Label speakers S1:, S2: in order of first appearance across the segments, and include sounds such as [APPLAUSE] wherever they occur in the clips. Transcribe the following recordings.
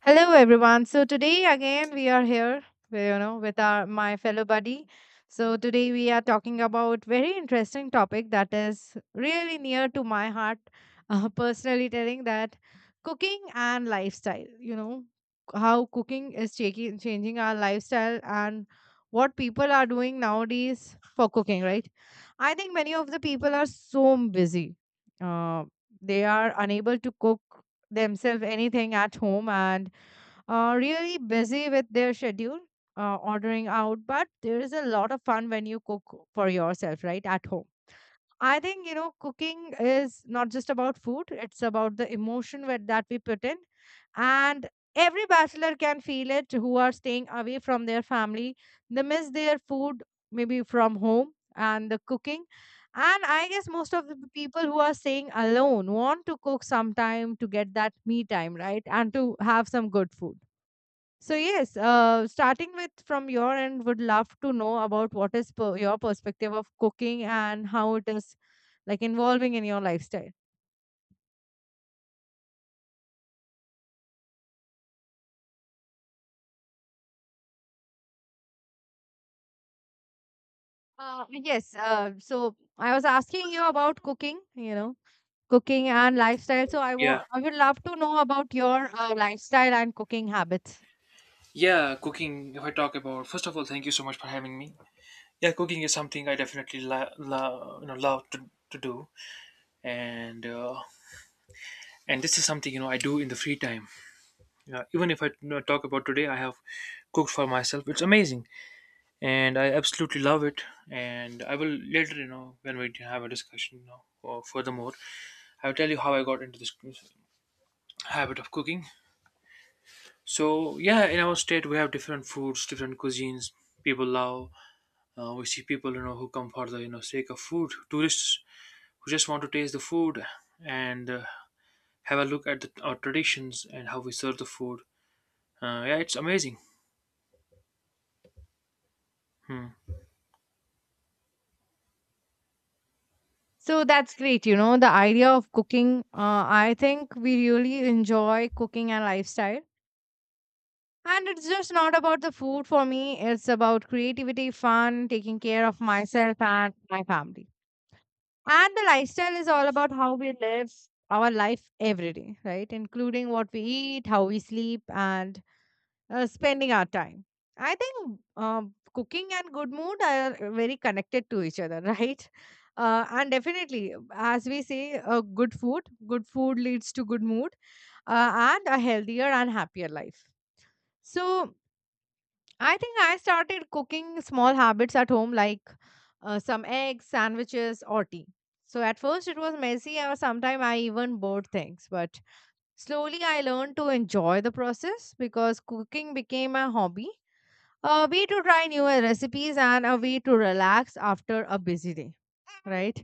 S1: Hello, everyone. So today again we are here, with our my fellow buddy. So today we are talking about very interesting topic that is really near to my heart. [LAUGHS] Personally, telling that cooking and lifestyle. You know how cooking is changing our lifestyle and what people are doing nowadays for cooking. Right? I think many of the people are so busy. Uh, they are unable to cook themselves anything at home and really busy with their schedule, ordering out. But there is a lot of fun when you cook for yourself, right, at home. I think, cooking is not just about food, it's about the emotion where that we put in. And every bachelor can feel it who are staying away from their family. They miss their food, maybe from home and the cooking. And I guess most of the people who are staying alone want to cook sometime to get that me time, right? And to have some good food. So yes, starting with from your end, would love to know about what is your perspective of cooking and how it is like involving in your lifestyle? Yes. So I was asking you about cooking, cooking and lifestyle. So I
S2: Yeah,
S1: want, I would love to know about your lifestyle and cooking habits.
S2: yeah, cooking. If I talk about, first of all, thank you so much for having me. Yeah, cooking is something I definitely love to do, and uh, and this is something I do in the free time. Even if I talk about today, I have cooked for myself. It's amazing, and I absolutely love it. And I will later, you know, when we have a discussion, you know, or furthermore, I will tell you how I got into this habit of cooking. So yeah, in our state we have different foods, different cuisines people love. We see people who come for the sake of food, tourists who just want to taste the food and have a look at our traditions and how we serve the food. Yeah, it's amazing. Hmm.
S1: So that's great. The idea of cooking, I think we really enjoy cooking and lifestyle. And it's just not about the food for me, it's about creativity, fun, taking care of myself and my family. And the lifestyle is all about how we live our life every day, right? Including what we eat, how we sleep, and spending our time. I think cooking and good mood are very connected to each other, [LAUGHS] right? And definitely, as we say, good food leads to good mood and a healthier and happier life. So, I think I started cooking small habits at home, like some eggs, sandwiches, or tea. So at first it was messy, or sometimes I even bought things. But slowly I learned to enjoy the process because cooking became a hobby, a way to try new recipes, and a way to relax after a busy day. Right?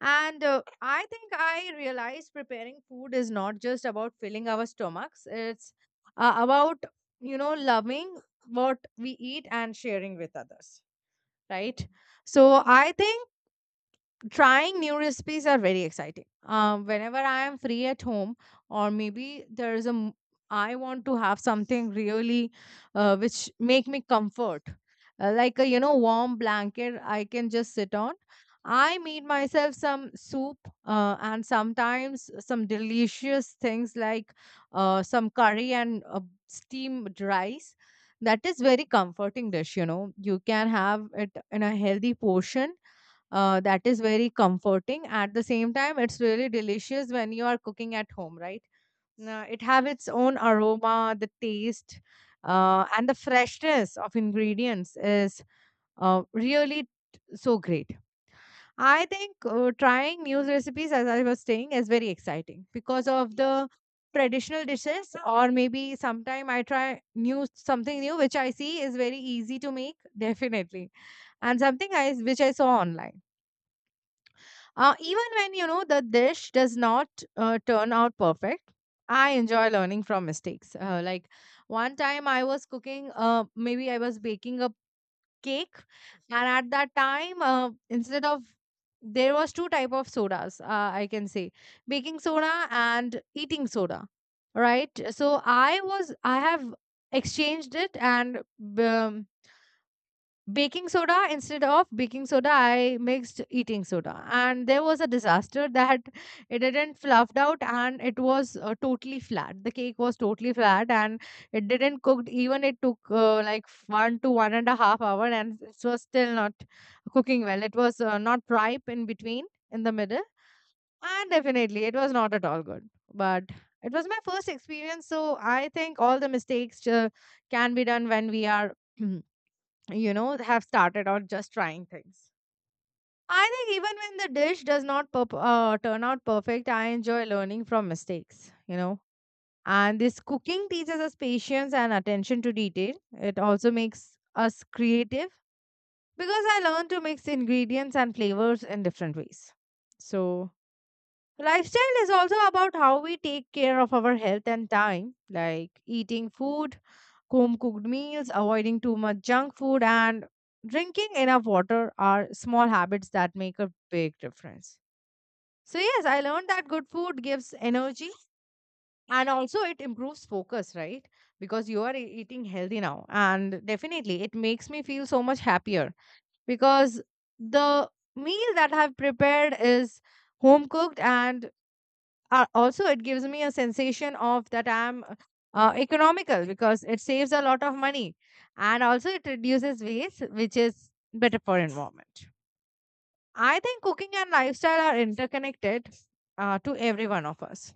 S1: And I think I realize preparing food is not just about filling our stomachs, it's about, loving what we eat and sharing with others, right? So I think trying new recipes are very exciting. Whenever I am free at home, or maybe there is a, m- I want to have something really, which make me comfort, like a warm blanket I can just sit on. I made myself some soup, and sometimes some delicious things like, some curry and steamed rice. That is very comforting dish. You can have it in a healthy portion that is very comforting. At the same time, it's really delicious when you are cooking at home, right? It have its own aroma, the taste, and the freshness of ingredients is really so great. I think trying new recipes, as I was saying, is very exciting because of the traditional dishes, or maybe sometime I try new something new which I see is very easy to make, definitely, and something I which I saw online. Even when the dish does not turn out perfect, I enjoy learning from mistakes. Like one time I was cooking, maybe I was baking a cake, and at that time, instead of there was two type of sodas, I can say baking soda and eating soda, right? So I have exchanged it, and um, baking soda instead of baking soda I mixed eating soda, and there was a disaster that it didn't fluffed out, and it was totally flat. The cake was totally flat, and it didn't cooked even. It took like one to one and a half hour, and it was still not cooking well. It was not ripe in between, in the middle, and definitely it was not at all good. But it was my first experience, so I think all the mistakes can be done when we are [CLEARS THROAT] have started on just trying things. I think even when the dish does not turn out perfect, I enjoy learning from mistakes. And this cooking teaches us patience and attention to detail. It also makes us creative because I learn to mix ingredients and flavors in different ways. So, lifestyle is also about how we take care of our health and time, like eating food, home cooked meals, avoiding too much junk food, and drinking enough water are small habits that make a big difference. So, yes, I learned that good food gives energy, and also it improves focus, right? Because you are eating healthy now. And definitely, it makes me feel so much happier because the meal that I've prepared is home cooked, and also it gives me a sensation of that I'm economical because it saves a lot of money, and also it reduces waste, which is better for environment. I think cooking and lifestyle are interconnected to every one of us.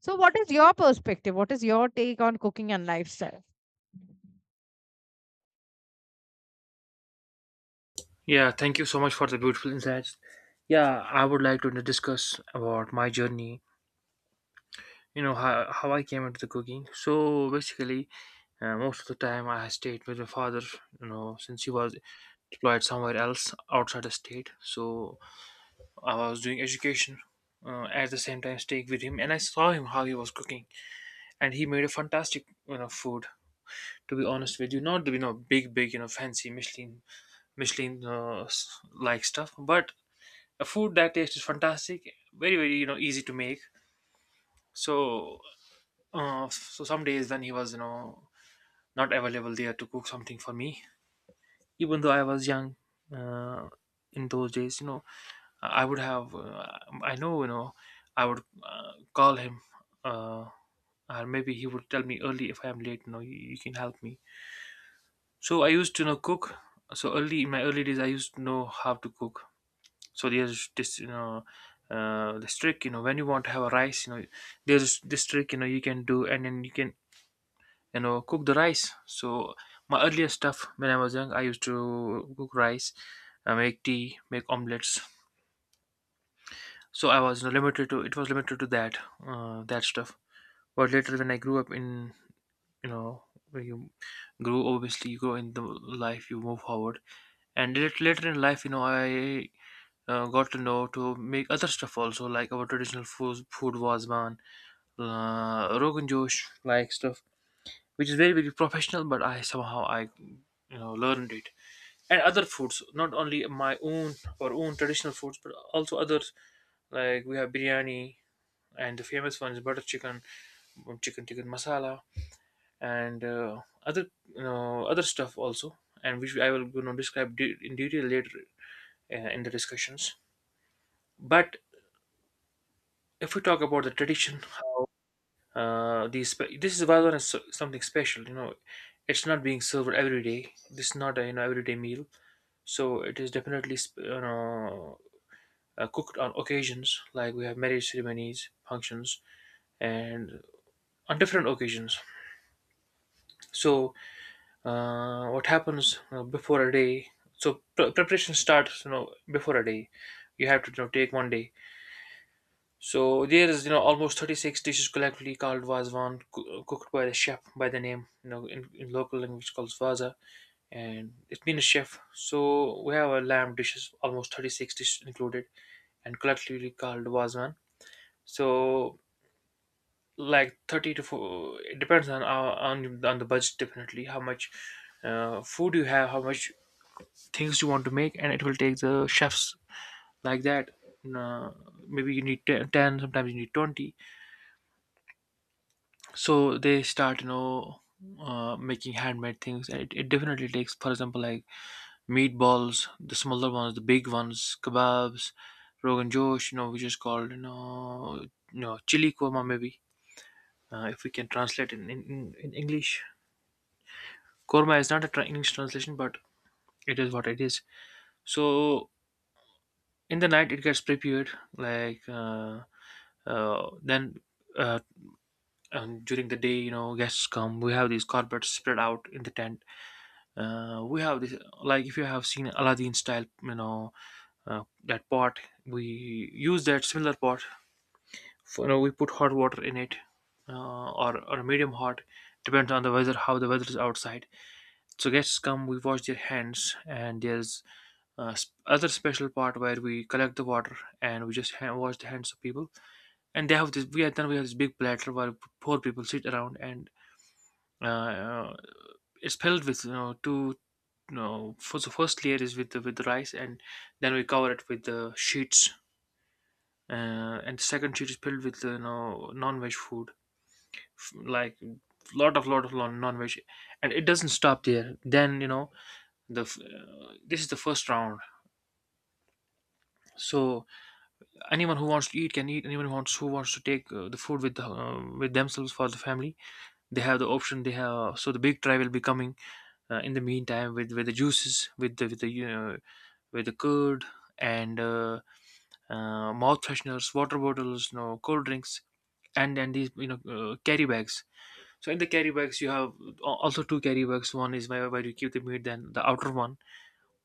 S1: So what is your perspective? What is your take on cooking and lifestyle?
S2: Yeah, thank you so much for the beautiful insights. Yeah, I would like to discuss about my journey. You know how I came into the cooking. So basically, most of the time I stayed with my father. You know, since he was deployed somewhere else outside the state, so I was doing education, at the same time staying with him, and I saw him how he was cooking, and he made a fantastic, you know, food. To be honest with you, not, you know, big big, you know, fancy Michelin like stuff, but a food that tastes is fantastic, very very, you know, easy to make. So so some days when he was, you know, not available there to cook something for me, even though I was young, uh, in those days, you know, I would have. I know, you know. I would call him, uh, or maybe he would tell me early if I am late. You know, you can help me. So I used to, you know, cook. So early in my early days, I used to know how to cook. So there's this, you know, this trick. You know, when you want to have a rice, you know, there's this trick. You know, you can do, and then you can, you know, cook the rice. So my earlier stuff when I was young, I used to cook rice, make tea, make omelets, so I was you know, limited to it was limited to that, that stuff. But later when I grew up in, you know, when you grow, obviously you grow in the life, you move forward, and later in life, you know, I, got to know to make other stuff also, like our traditional food wasman, rogan josh like stuff, which is very very professional, but i somehow i, you know, learned it, and other foods, not only my own or own traditional foods, but also others, like we have biryani, and the famous one is butter chicken, chicken tikka masala, and other, you know, other stuff also, and which I will, you know, describe in detail later, in the discussions. But if we talk about the tradition, how, this is Valvan, is something special, you know. It's not being served every day. This is not a, you know, everyday meal, so it is definitely, cooked on occasions like we have marriage ceremonies, functions, and on different occasions. So what happens, you know, before a day, so preparation starts, you know, before a day. You have to, you know, take one day, so there is, you know, almost 36 dishes collectively called vazwan, cooked by the chef, by the name, you know, in local language called vaza, and it means chef. So we have a lamb dishes, almost 36 dishes included, and collectively called vazwan. So like 30 to 4, it depends on on the budget, definitely, how much food you have, how much things you want to make. And it will take the chefs, like that, uh, maybe you need 10, sometimes you need 20. So they start, you know, making handmade things, and it definitely takes, for example, like meatballs, the smaller ones, the big ones, kebabs, rogan josh, you know, which is called, you know, you know, chili korma, maybe, if we can translate in, in English, korma is not a English translation, but it is what it is. So in the night it gets prepared, like then, uh, and during the day, you know, guests come. We have these carpets spread out in the tent. We have this, like if you have seen Aladdin style, you know, that pot. We use that similar pot. For, you know, we put hot water in it, or medium hot, depends on the weather, how the weather is outside. So guests come, we wash their hands, and there's, other special part where we collect the water, and we just wash the hands of people. And they have this, we have this big platter where four people sit around, and uh, uh, it's filled with, you know, two you know, for the first layer is with the rice, and then we cover it with the sheets, uh, and the second sheet is filled with, you know, non-veg food, like non-veg. And it doesn't stop there, then, you know, this is the first round. So anyone who wants to eat can eat, anyone who wants to take, the food with themselves for the family, they have the option, they have. So the big try will be coming, in the meantime, with the juices, with the, you know, with the curd, and mouth fresheners, water bottles, you know, cold drinks, and these, you know, carry bags. So in the carry bags you have, also two carry bags, one is where, you keep the meat, then the outer one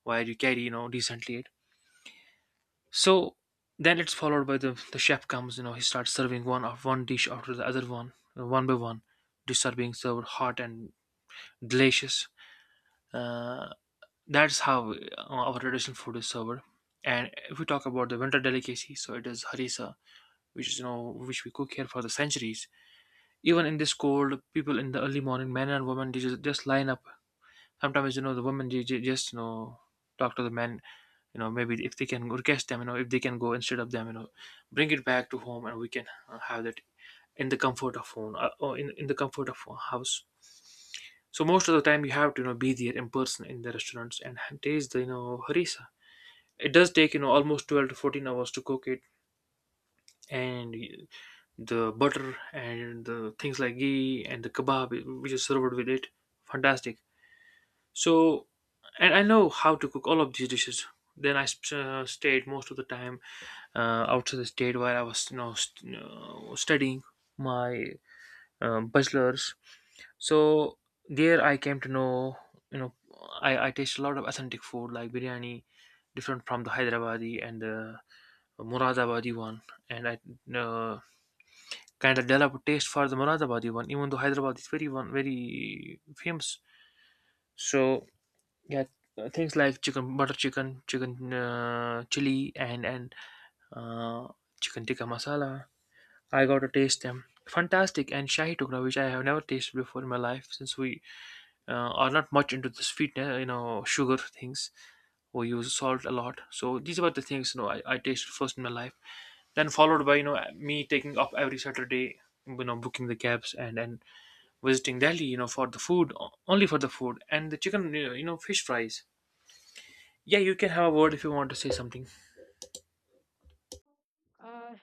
S2: where you carry, you know, decently, it. So then it's followed by, the chef comes, you know, he starts serving one of one dish after the other one, one by one, dishes are being served hot and delicious. Uh, that's how, our traditional food is served. And if we talk about the winter delicacy, so it is harissa, which is, you know, which we cook here for the centuries. Even in this cold, people in the early morning, men and women, they just, line up. Sometimes, you know, the women they, just, you know, talk to the men. You know, maybe if they can request them, you know, if they can go instead of them, you know, bring it back to home, and we can, have that in the comfort of home, or in, the comfort of a house. So most of the time you have to, you know, be there in person in the restaurants and taste the, you know, harissa. It does take, you know, almost 12 to 14 hours to cook it, and the butter and the things like ghee and the kebab, which is served with it, fantastic. So, and I know how to cook all of these dishes. Then I, stayed most of the time, outside the state, while I was, you know, studying my bachelors. So there I came to know, you know, I taste a lot of authentic food like biryani, different from the hyderabadi and the muradabadi one. And I, uh, kind of developed a taste for the muradabadi one, even though hyderabad is very one very famous. So yeah, things like chicken, butter chicken, chicken, chili, and, uh, chicken tikka masala, I got to taste them, fantastic, and shahi tukra, which I have never tasted before in my life, since we, uh, are not much into the sweetness, you know, sugar things, or use salt a lot. So these were the things, you know, I tasted first in my life. Then followed by, you know, me taking up every Saturday, you know, booking the cabs, and visiting Delhi, you know, for the food, only for the food and the chicken, you know, fish fries. Yeah, you can have a word if you want to say something.
S1: Uh,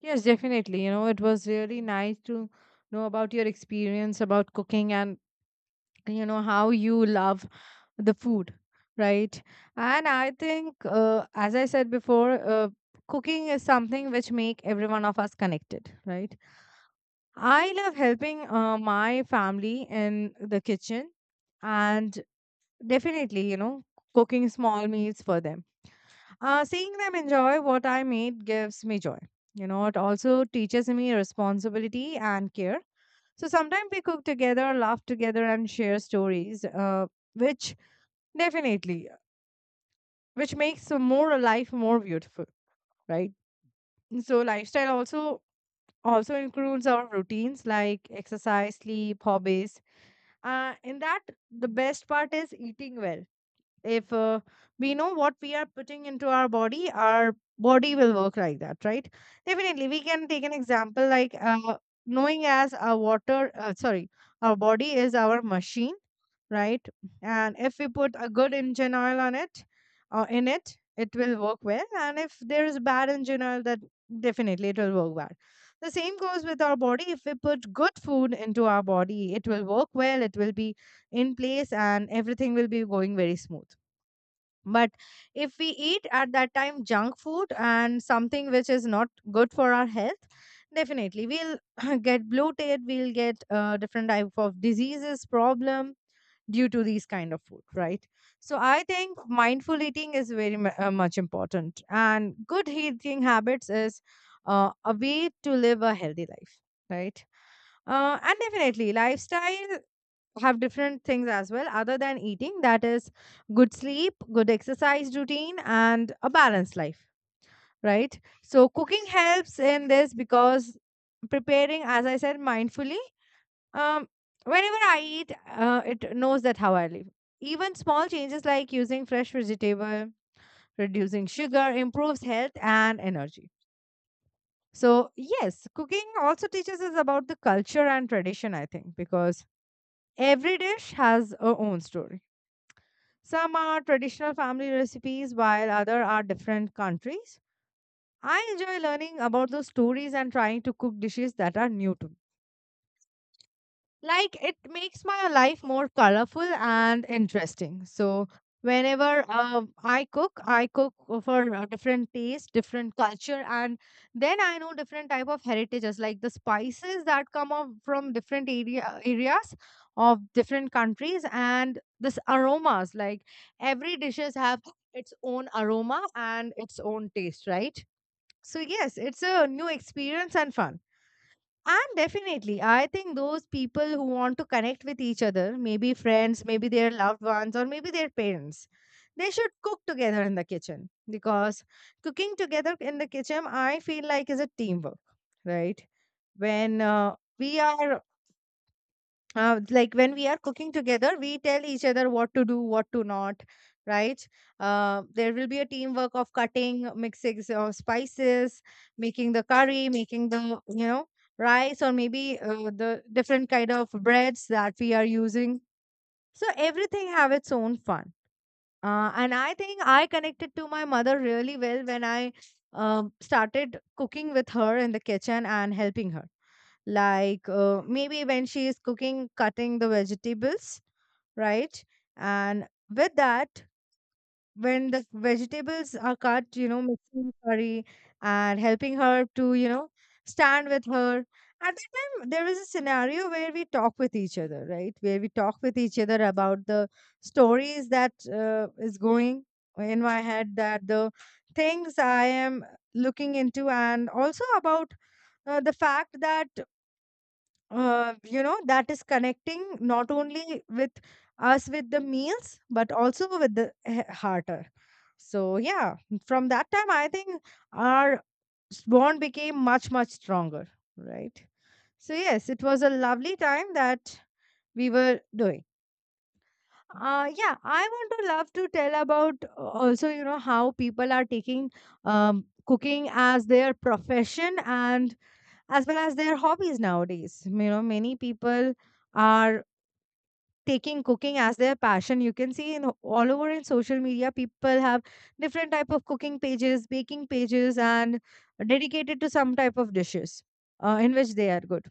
S1: yes, definitely. It was really nice to know about your experience about cooking, and you know how you love the food, right? And I think as I said before, cooking is something which make every one of us connected, right? I love helping my family in the kitchen, and definitely, cooking small meals for them, seeing them enjoy what I made gives me joy. It also teaches me responsibility and care. So sometimes we cook together, laugh together, and share stories, which Definitely, which makes a more life more beautiful, right? So lifestyle also includes our routines like exercise, sleep, hobbies. In that, the best part is eating well. If we know what we are putting into our body, our body will work like that, right? Definitely we can take an example, like knowing as our water sorry, our body is our machine, right? And if we put a good engine oil on it, or in it, it will work well, and if there is bad engine oil, that definitely it will work bad. The same goes with our body. If we put good food into our body, it will work well. It will be in place and everything will be going very smooth. But if we eat at that time junk food and something which is not good for our health, definitely we'll [CLEARS THROAT] get bloated, we'll get different type of diseases problem due to these kind of food, right? So I think mindful eating is very much important, and good eating habits is a way to live a healthy life, right? And definitely, lifestyle have different things as well other than eating. That is good sleep, good exercise routine, and a balanced life, right? So cooking helps in this because preparing, as I said, mindfully, um whenever I eat, it knows that how I live. Even small changes like using fresh vegetable, reducing sugar improves health and energy. So yes, cooking also teaches us about the culture and tradition, I think, because every dish has a own story. Some are traditional family recipes, while other are different countries. I enjoy learning about those stories and trying to cook dishes that are new to me, like it makes my life more colorful and interesting. So whenever I cook for different taste, different culture, and then I know different type of heritages like the spices that come up from different areas of different countries, and this aromas like every dishes have its own aroma and its own taste, right? So yes, it's a new experience and fun. And definitely, I think those people who want to connect with each other, maybe friends, maybe their loved ones, or maybe their parents, they should cook together in the kitchen, because cooking together in the kitchen, I feel like, is a teamwork, right? When we are like when we are cooking together we tell each other what to do what to not, right. There will be a teamwork of cutting, mixing of spices, making the curry, making the rice, or maybe the different kind of breads that we are using. So everything have its own fun. And I think I connected to my mother really well when I started cooking with her in the kitchen and helping her, like maybe when she is cooking, cutting the vegetables, right. And with that, when the vegetables are cut, mixing the curry and helping her to stand with her. At that time, there is a scenario where we talk with each other, right, where we talk with each other about the stories that is going in my head, that the things I am looking into, and also about the fact that that is connecting not only with us with the meals but also with the hearter. So yeah, from that time I think our bond became much much stronger, right. So yes, it was a lovely time that we were doing. Yeah, I want to love to tell about also, how people are taking cooking as their profession and as well as their hobbies nowadays. You know, many people are taking cooking as their passion. You can see in all over in social media, people have different type of cooking pages, baking pages, and dedicated to some type of dishes in which they are good,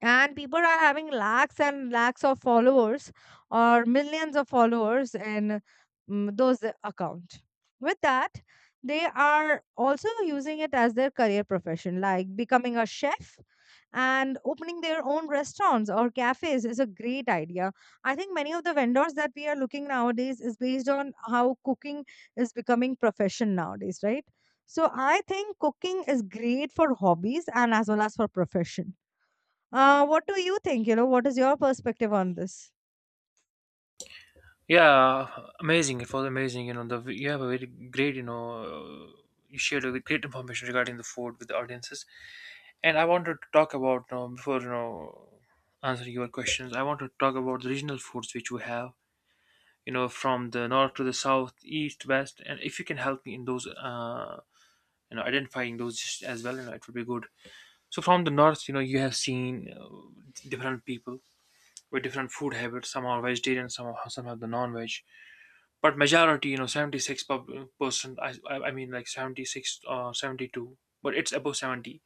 S1: and people are having lakhs and lakhs of followers or millions of followers in those account. With that, they are also using it as their career profession, like becoming a chef and opening their own restaurants or cafes is a great idea. I think many of the vendors that we are looking nowadays is based on how cooking is becoming profession nowadays, right. So I think cooking is great for hobbies and as well as for profession. What do you think? You know, what is your perspective on this?
S2: Yeah, amazing. It was amazing. You know, the you have a very great, you know, you shared a great information regarding the food with the audiences. And I wanted to talk about, you know, before, you know, answering your questions, I want to talk about the regional foods which we have. You know, from the north to the south, east, west, and if you can help me in those, identifying those just as well, it would be good. So from the north, you have seen different people with different food habits. Some are vegetarian, some are some have the non-veg, but majority, you know, 76%. I mean, like 76 or 72, but it's above 70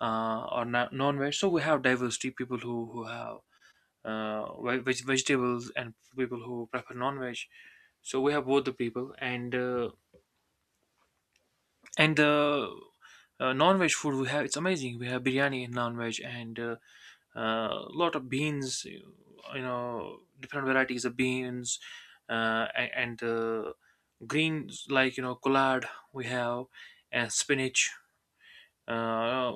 S2: or non-veg. So we have diversity people who have vegetables and people who prefer non-veg. So we have both the people and the non-veg food we have. It's amazing. We have biryani in non-veg and a lot of beans. Different varieties of beans a- and greens like collard. We have and spinach. Uh,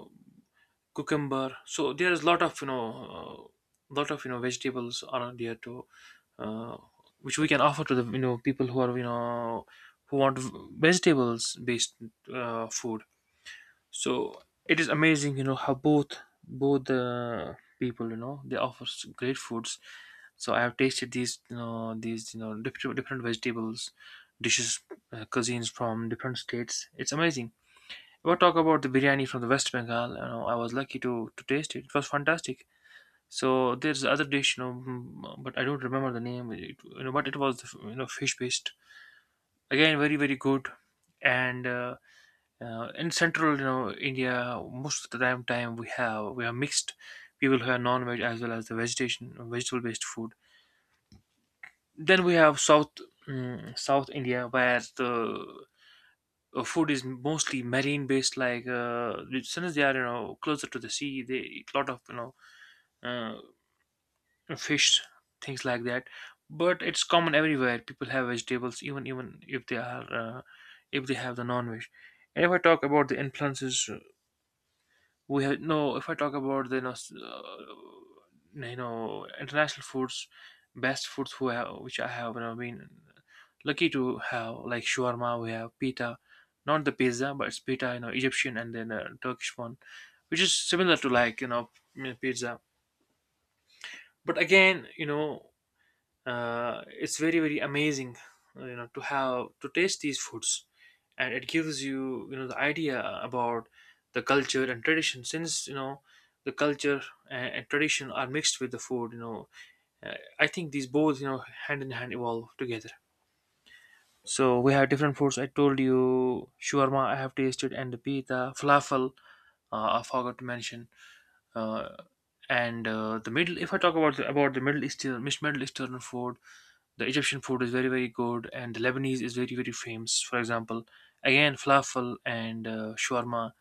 S2: cucumber, so there's a lot of uh, lot of vegetables are there to uh, which we can offer to the people who are who want vegetables based food. So it is amazing how both the people they offer great foods. So I have tasted these these different different vegetables dishes, cuisines from different states. It's amazing. What talk about the biryani from the West Bengal? You know, I was lucky to taste it. It was fantastic. So there's other dish, you know, mm, but I don't remember the name. It, you know, but it was fish based. Again, very very good. And in central, you know, India, most of the time we have mixed people who are non-veg as well as the vegetation vegetable based food. Then we have South, South India, where the food is mostly marine based, like, since they are you know closer to the sea, they eat a lot of uh, fish, things like that. But it's common everywhere, people have vegetables even if they are if they have the non-veg. And if I talk about the influences, we have no if I talk about the you know, you know international foods, best foods who have, which I have you know, been lucky to have, like shawarma. We have pita, not the pizza, but it's pita, you know, Egyptian, and then Turkish one, which is similar to like you know pizza. But again you know it's very very amazing you know to have to taste these foods. And it gives you you know the idea about the culture and tradition, since you know the culture and tradition are mixed with the food, you know, uh, I think these both you know hand in hand evolve together. So we have different foods. I told you shawarma I have tasted and the pita, falafel, I forgot to mention. uh, and the middle, if I talk about about the Middle Eastern food, the Egyptian food is very very good, and the Lebanese is very very famous. For example, again falafel and shawarma.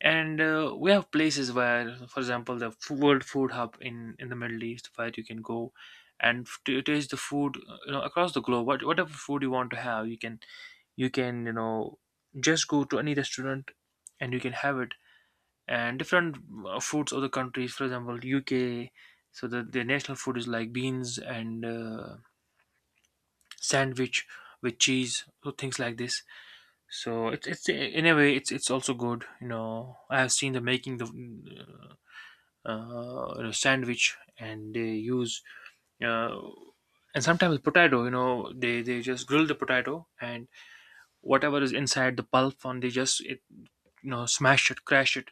S2: And we have places where, for example, the World Food Hub in the Middle East, where you can go and to taste the food, you know, across the globe. Whatever food you want to have, you can you can you know just go to any restaurant and you can have it. And different foods of the countries, for example, UK. So the national food is like beans and sandwich with cheese, so things like this. So it's in a way it's also good, you know, I have seen the making the sandwich, and they use uh, and sometimes potato, you know, they just grill the potato, and whatever is inside the pulp, and they just it you know smash it, crash it,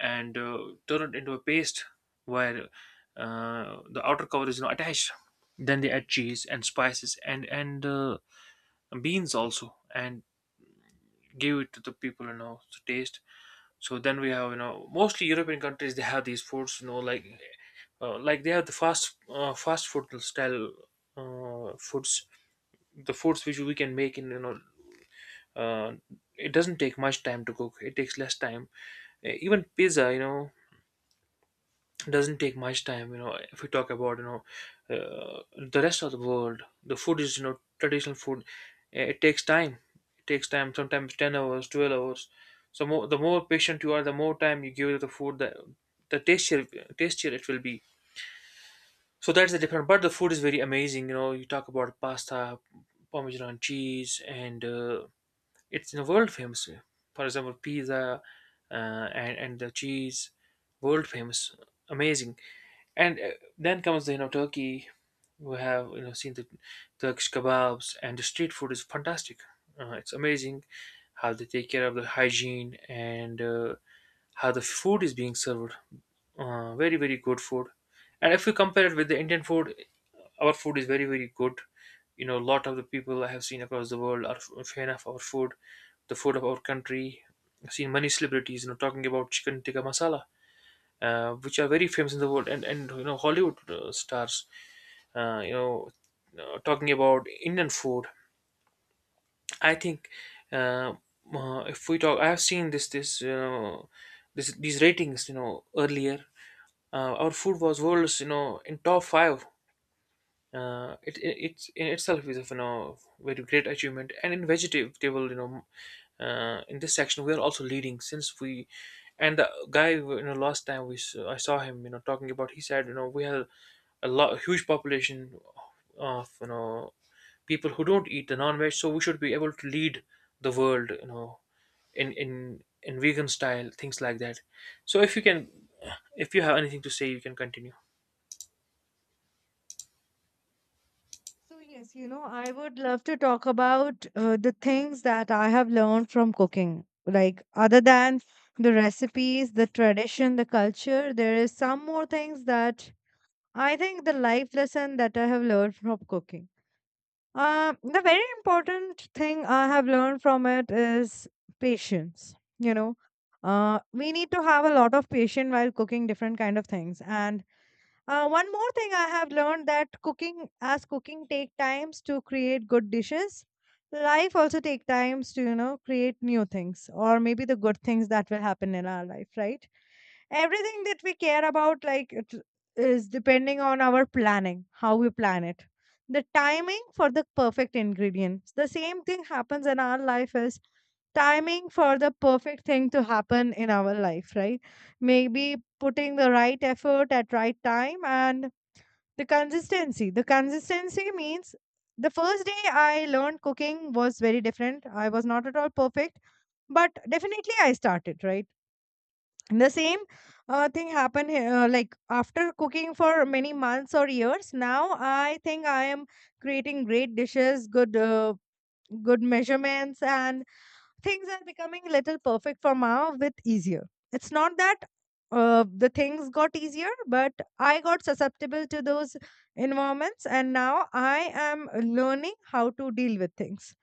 S2: and turn it into a paste, where the outer cover is not attached. Then they add cheese and spices, and beans also, and give it to the people you know to taste. So then we have you know mostly European countries they have these foods you know, like they have the fast food style foods, the foods which we can make in you know uh, it doesn't take much time to cook, it takes less time. Even pizza, you know, doesn't take much time. You know, if we talk about you know uh, the rest of the world, the food is you know traditional food. It takes time, it takes time sometimes 10 hours, 12 hours. So more, the more patient you are, the more time you give the food, the tastier tastier it will be. So that's the difference, but the food is very amazing. You know, you talk about pasta, parmesan cheese, and it's world famous. For example, pizza and the cheese, world famous, amazing. And then comes the you know Turkey. We have you know seen the Turkish kebabs, and the street food is fantastic. It's amazing how they take care of the hygiene and how the food is being served. Very very good food. And if we compare it with the Indian food, our food is very very good. You know, a lot of the people I have seen across the world are a fan of our food, the food of our country. I've seen many celebrities, you know, talking about chicken tikka masala, which are very famous in the world, and you know Hollywood stars, uh, you know, talking about Indian food. I think uh, if we talk, I have seen this you know this these ratings, you know, earlier. Our food was world's, you know, in top five. Uh, it, it's in itself is of you know very great achievement. And in vegetable you know in this section we are also leading, since we and the guy you know last time we I saw him you know talking about, he said you know we have a huge population of you know people who don't eat the non-veg, so we should be able to lead the world you know in vegan style, things like that. So if you can, if you have anything to say, you can continue.
S1: So, yes, you know, I would love to talk about the things that I have learned from cooking. Like, other than the recipes, the tradition, the culture, there is some more things that I think the life lesson that I have learned from cooking. The very important thing I have learned from it is patience. You know, we need to have a lot of patience while cooking different kind of things, and one more thing I have learned that cooking, as cooking take times to create good dishes, life also take times to, you know, create new things or maybe the good things that will happen in our life, right? Everything that we care about, like it is depending on our planning, how we plan it. The timing for the perfect ingredients. The same thing happens in our life is timing for the perfect thing to happen in our life, right? Maybe putting the right effort at right time, and the consistency, the consistency means the first day I learned cooking was very different, I was not at all perfect, but definitely I started, right. The same thing happened here, like after cooking for many months or years now, I think I am creating great dishes, good good measurements, and things are becoming little perfect for now with easier. It's not that the things got easier, but I got susceptible to those environments, and now I am learning how to deal with things.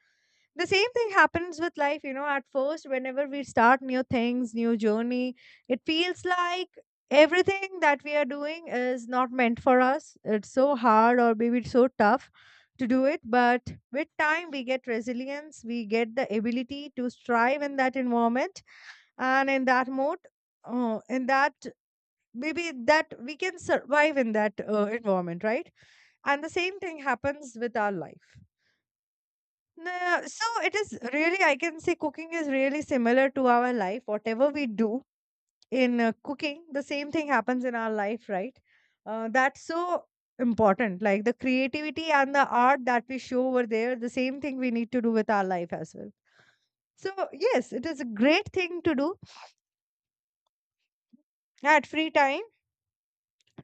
S1: The same thing happens with life, you know. At first, whenever we start new things, new journey, it feels like everything that we are doing is not meant for us. It's so hard, or maybe it's so tough to do it. But with time, we get resilience, we get the ability to strive in that environment and in that mode, in that maybe that we can survive in that environment, right? And the same thing happens with our life. Nah, so it is really, I can say cooking is really similar to our life. Whatever we do in cooking, the same thing happens in our life, right. That's so important, like the creativity and the art that we show over there, the same thing we need to do with our life as well. So yes, it is a great thing to do at free time.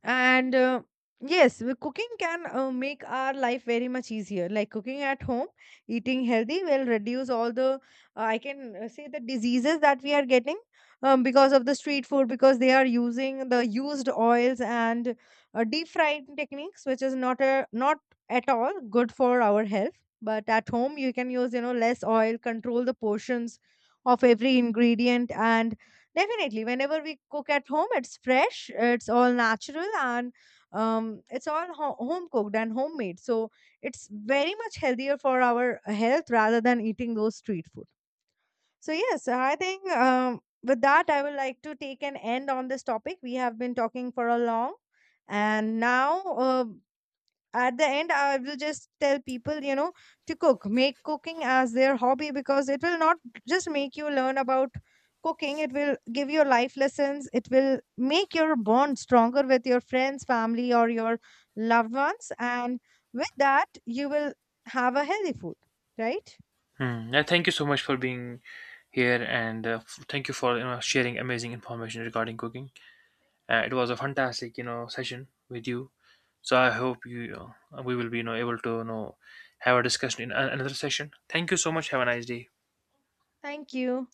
S1: And Yes, cooking can make our life very much easier, like cooking at home, eating healthy will reduce all the I can say the diseases that we are getting because of the street food, because they are using the used oils and deep frying techniques, which is not a, not at all good for our health. But at home you can use, you know, less oil, control the portions of every ingredient. And definitely, whenever we cook at home, it's fresh, it's all natural, and it's all home cooked and homemade. So it's very much healthier for our health rather than eating those street food. So yes, I think with that, I would like to take an end on this topic. We have been talking for a long, and now. At the end, I will just tell people, you know, to cook, make cooking as their hobby, because it will not just make you learn about cooking, it will give you life lessons, it will make your bond stronger with your friends, family, or your loved ones. And with that, you will have a healthy food, right?
S2: Hmm. Yeah, thank you so much for being here, and thank you for you know sharing amazing information regarding cooking. It was a fantastic you know session with you. So I hope you we will be you know able to you know have a discussion in another session. Thank you so much. Have a nice day.
S1: Thank you.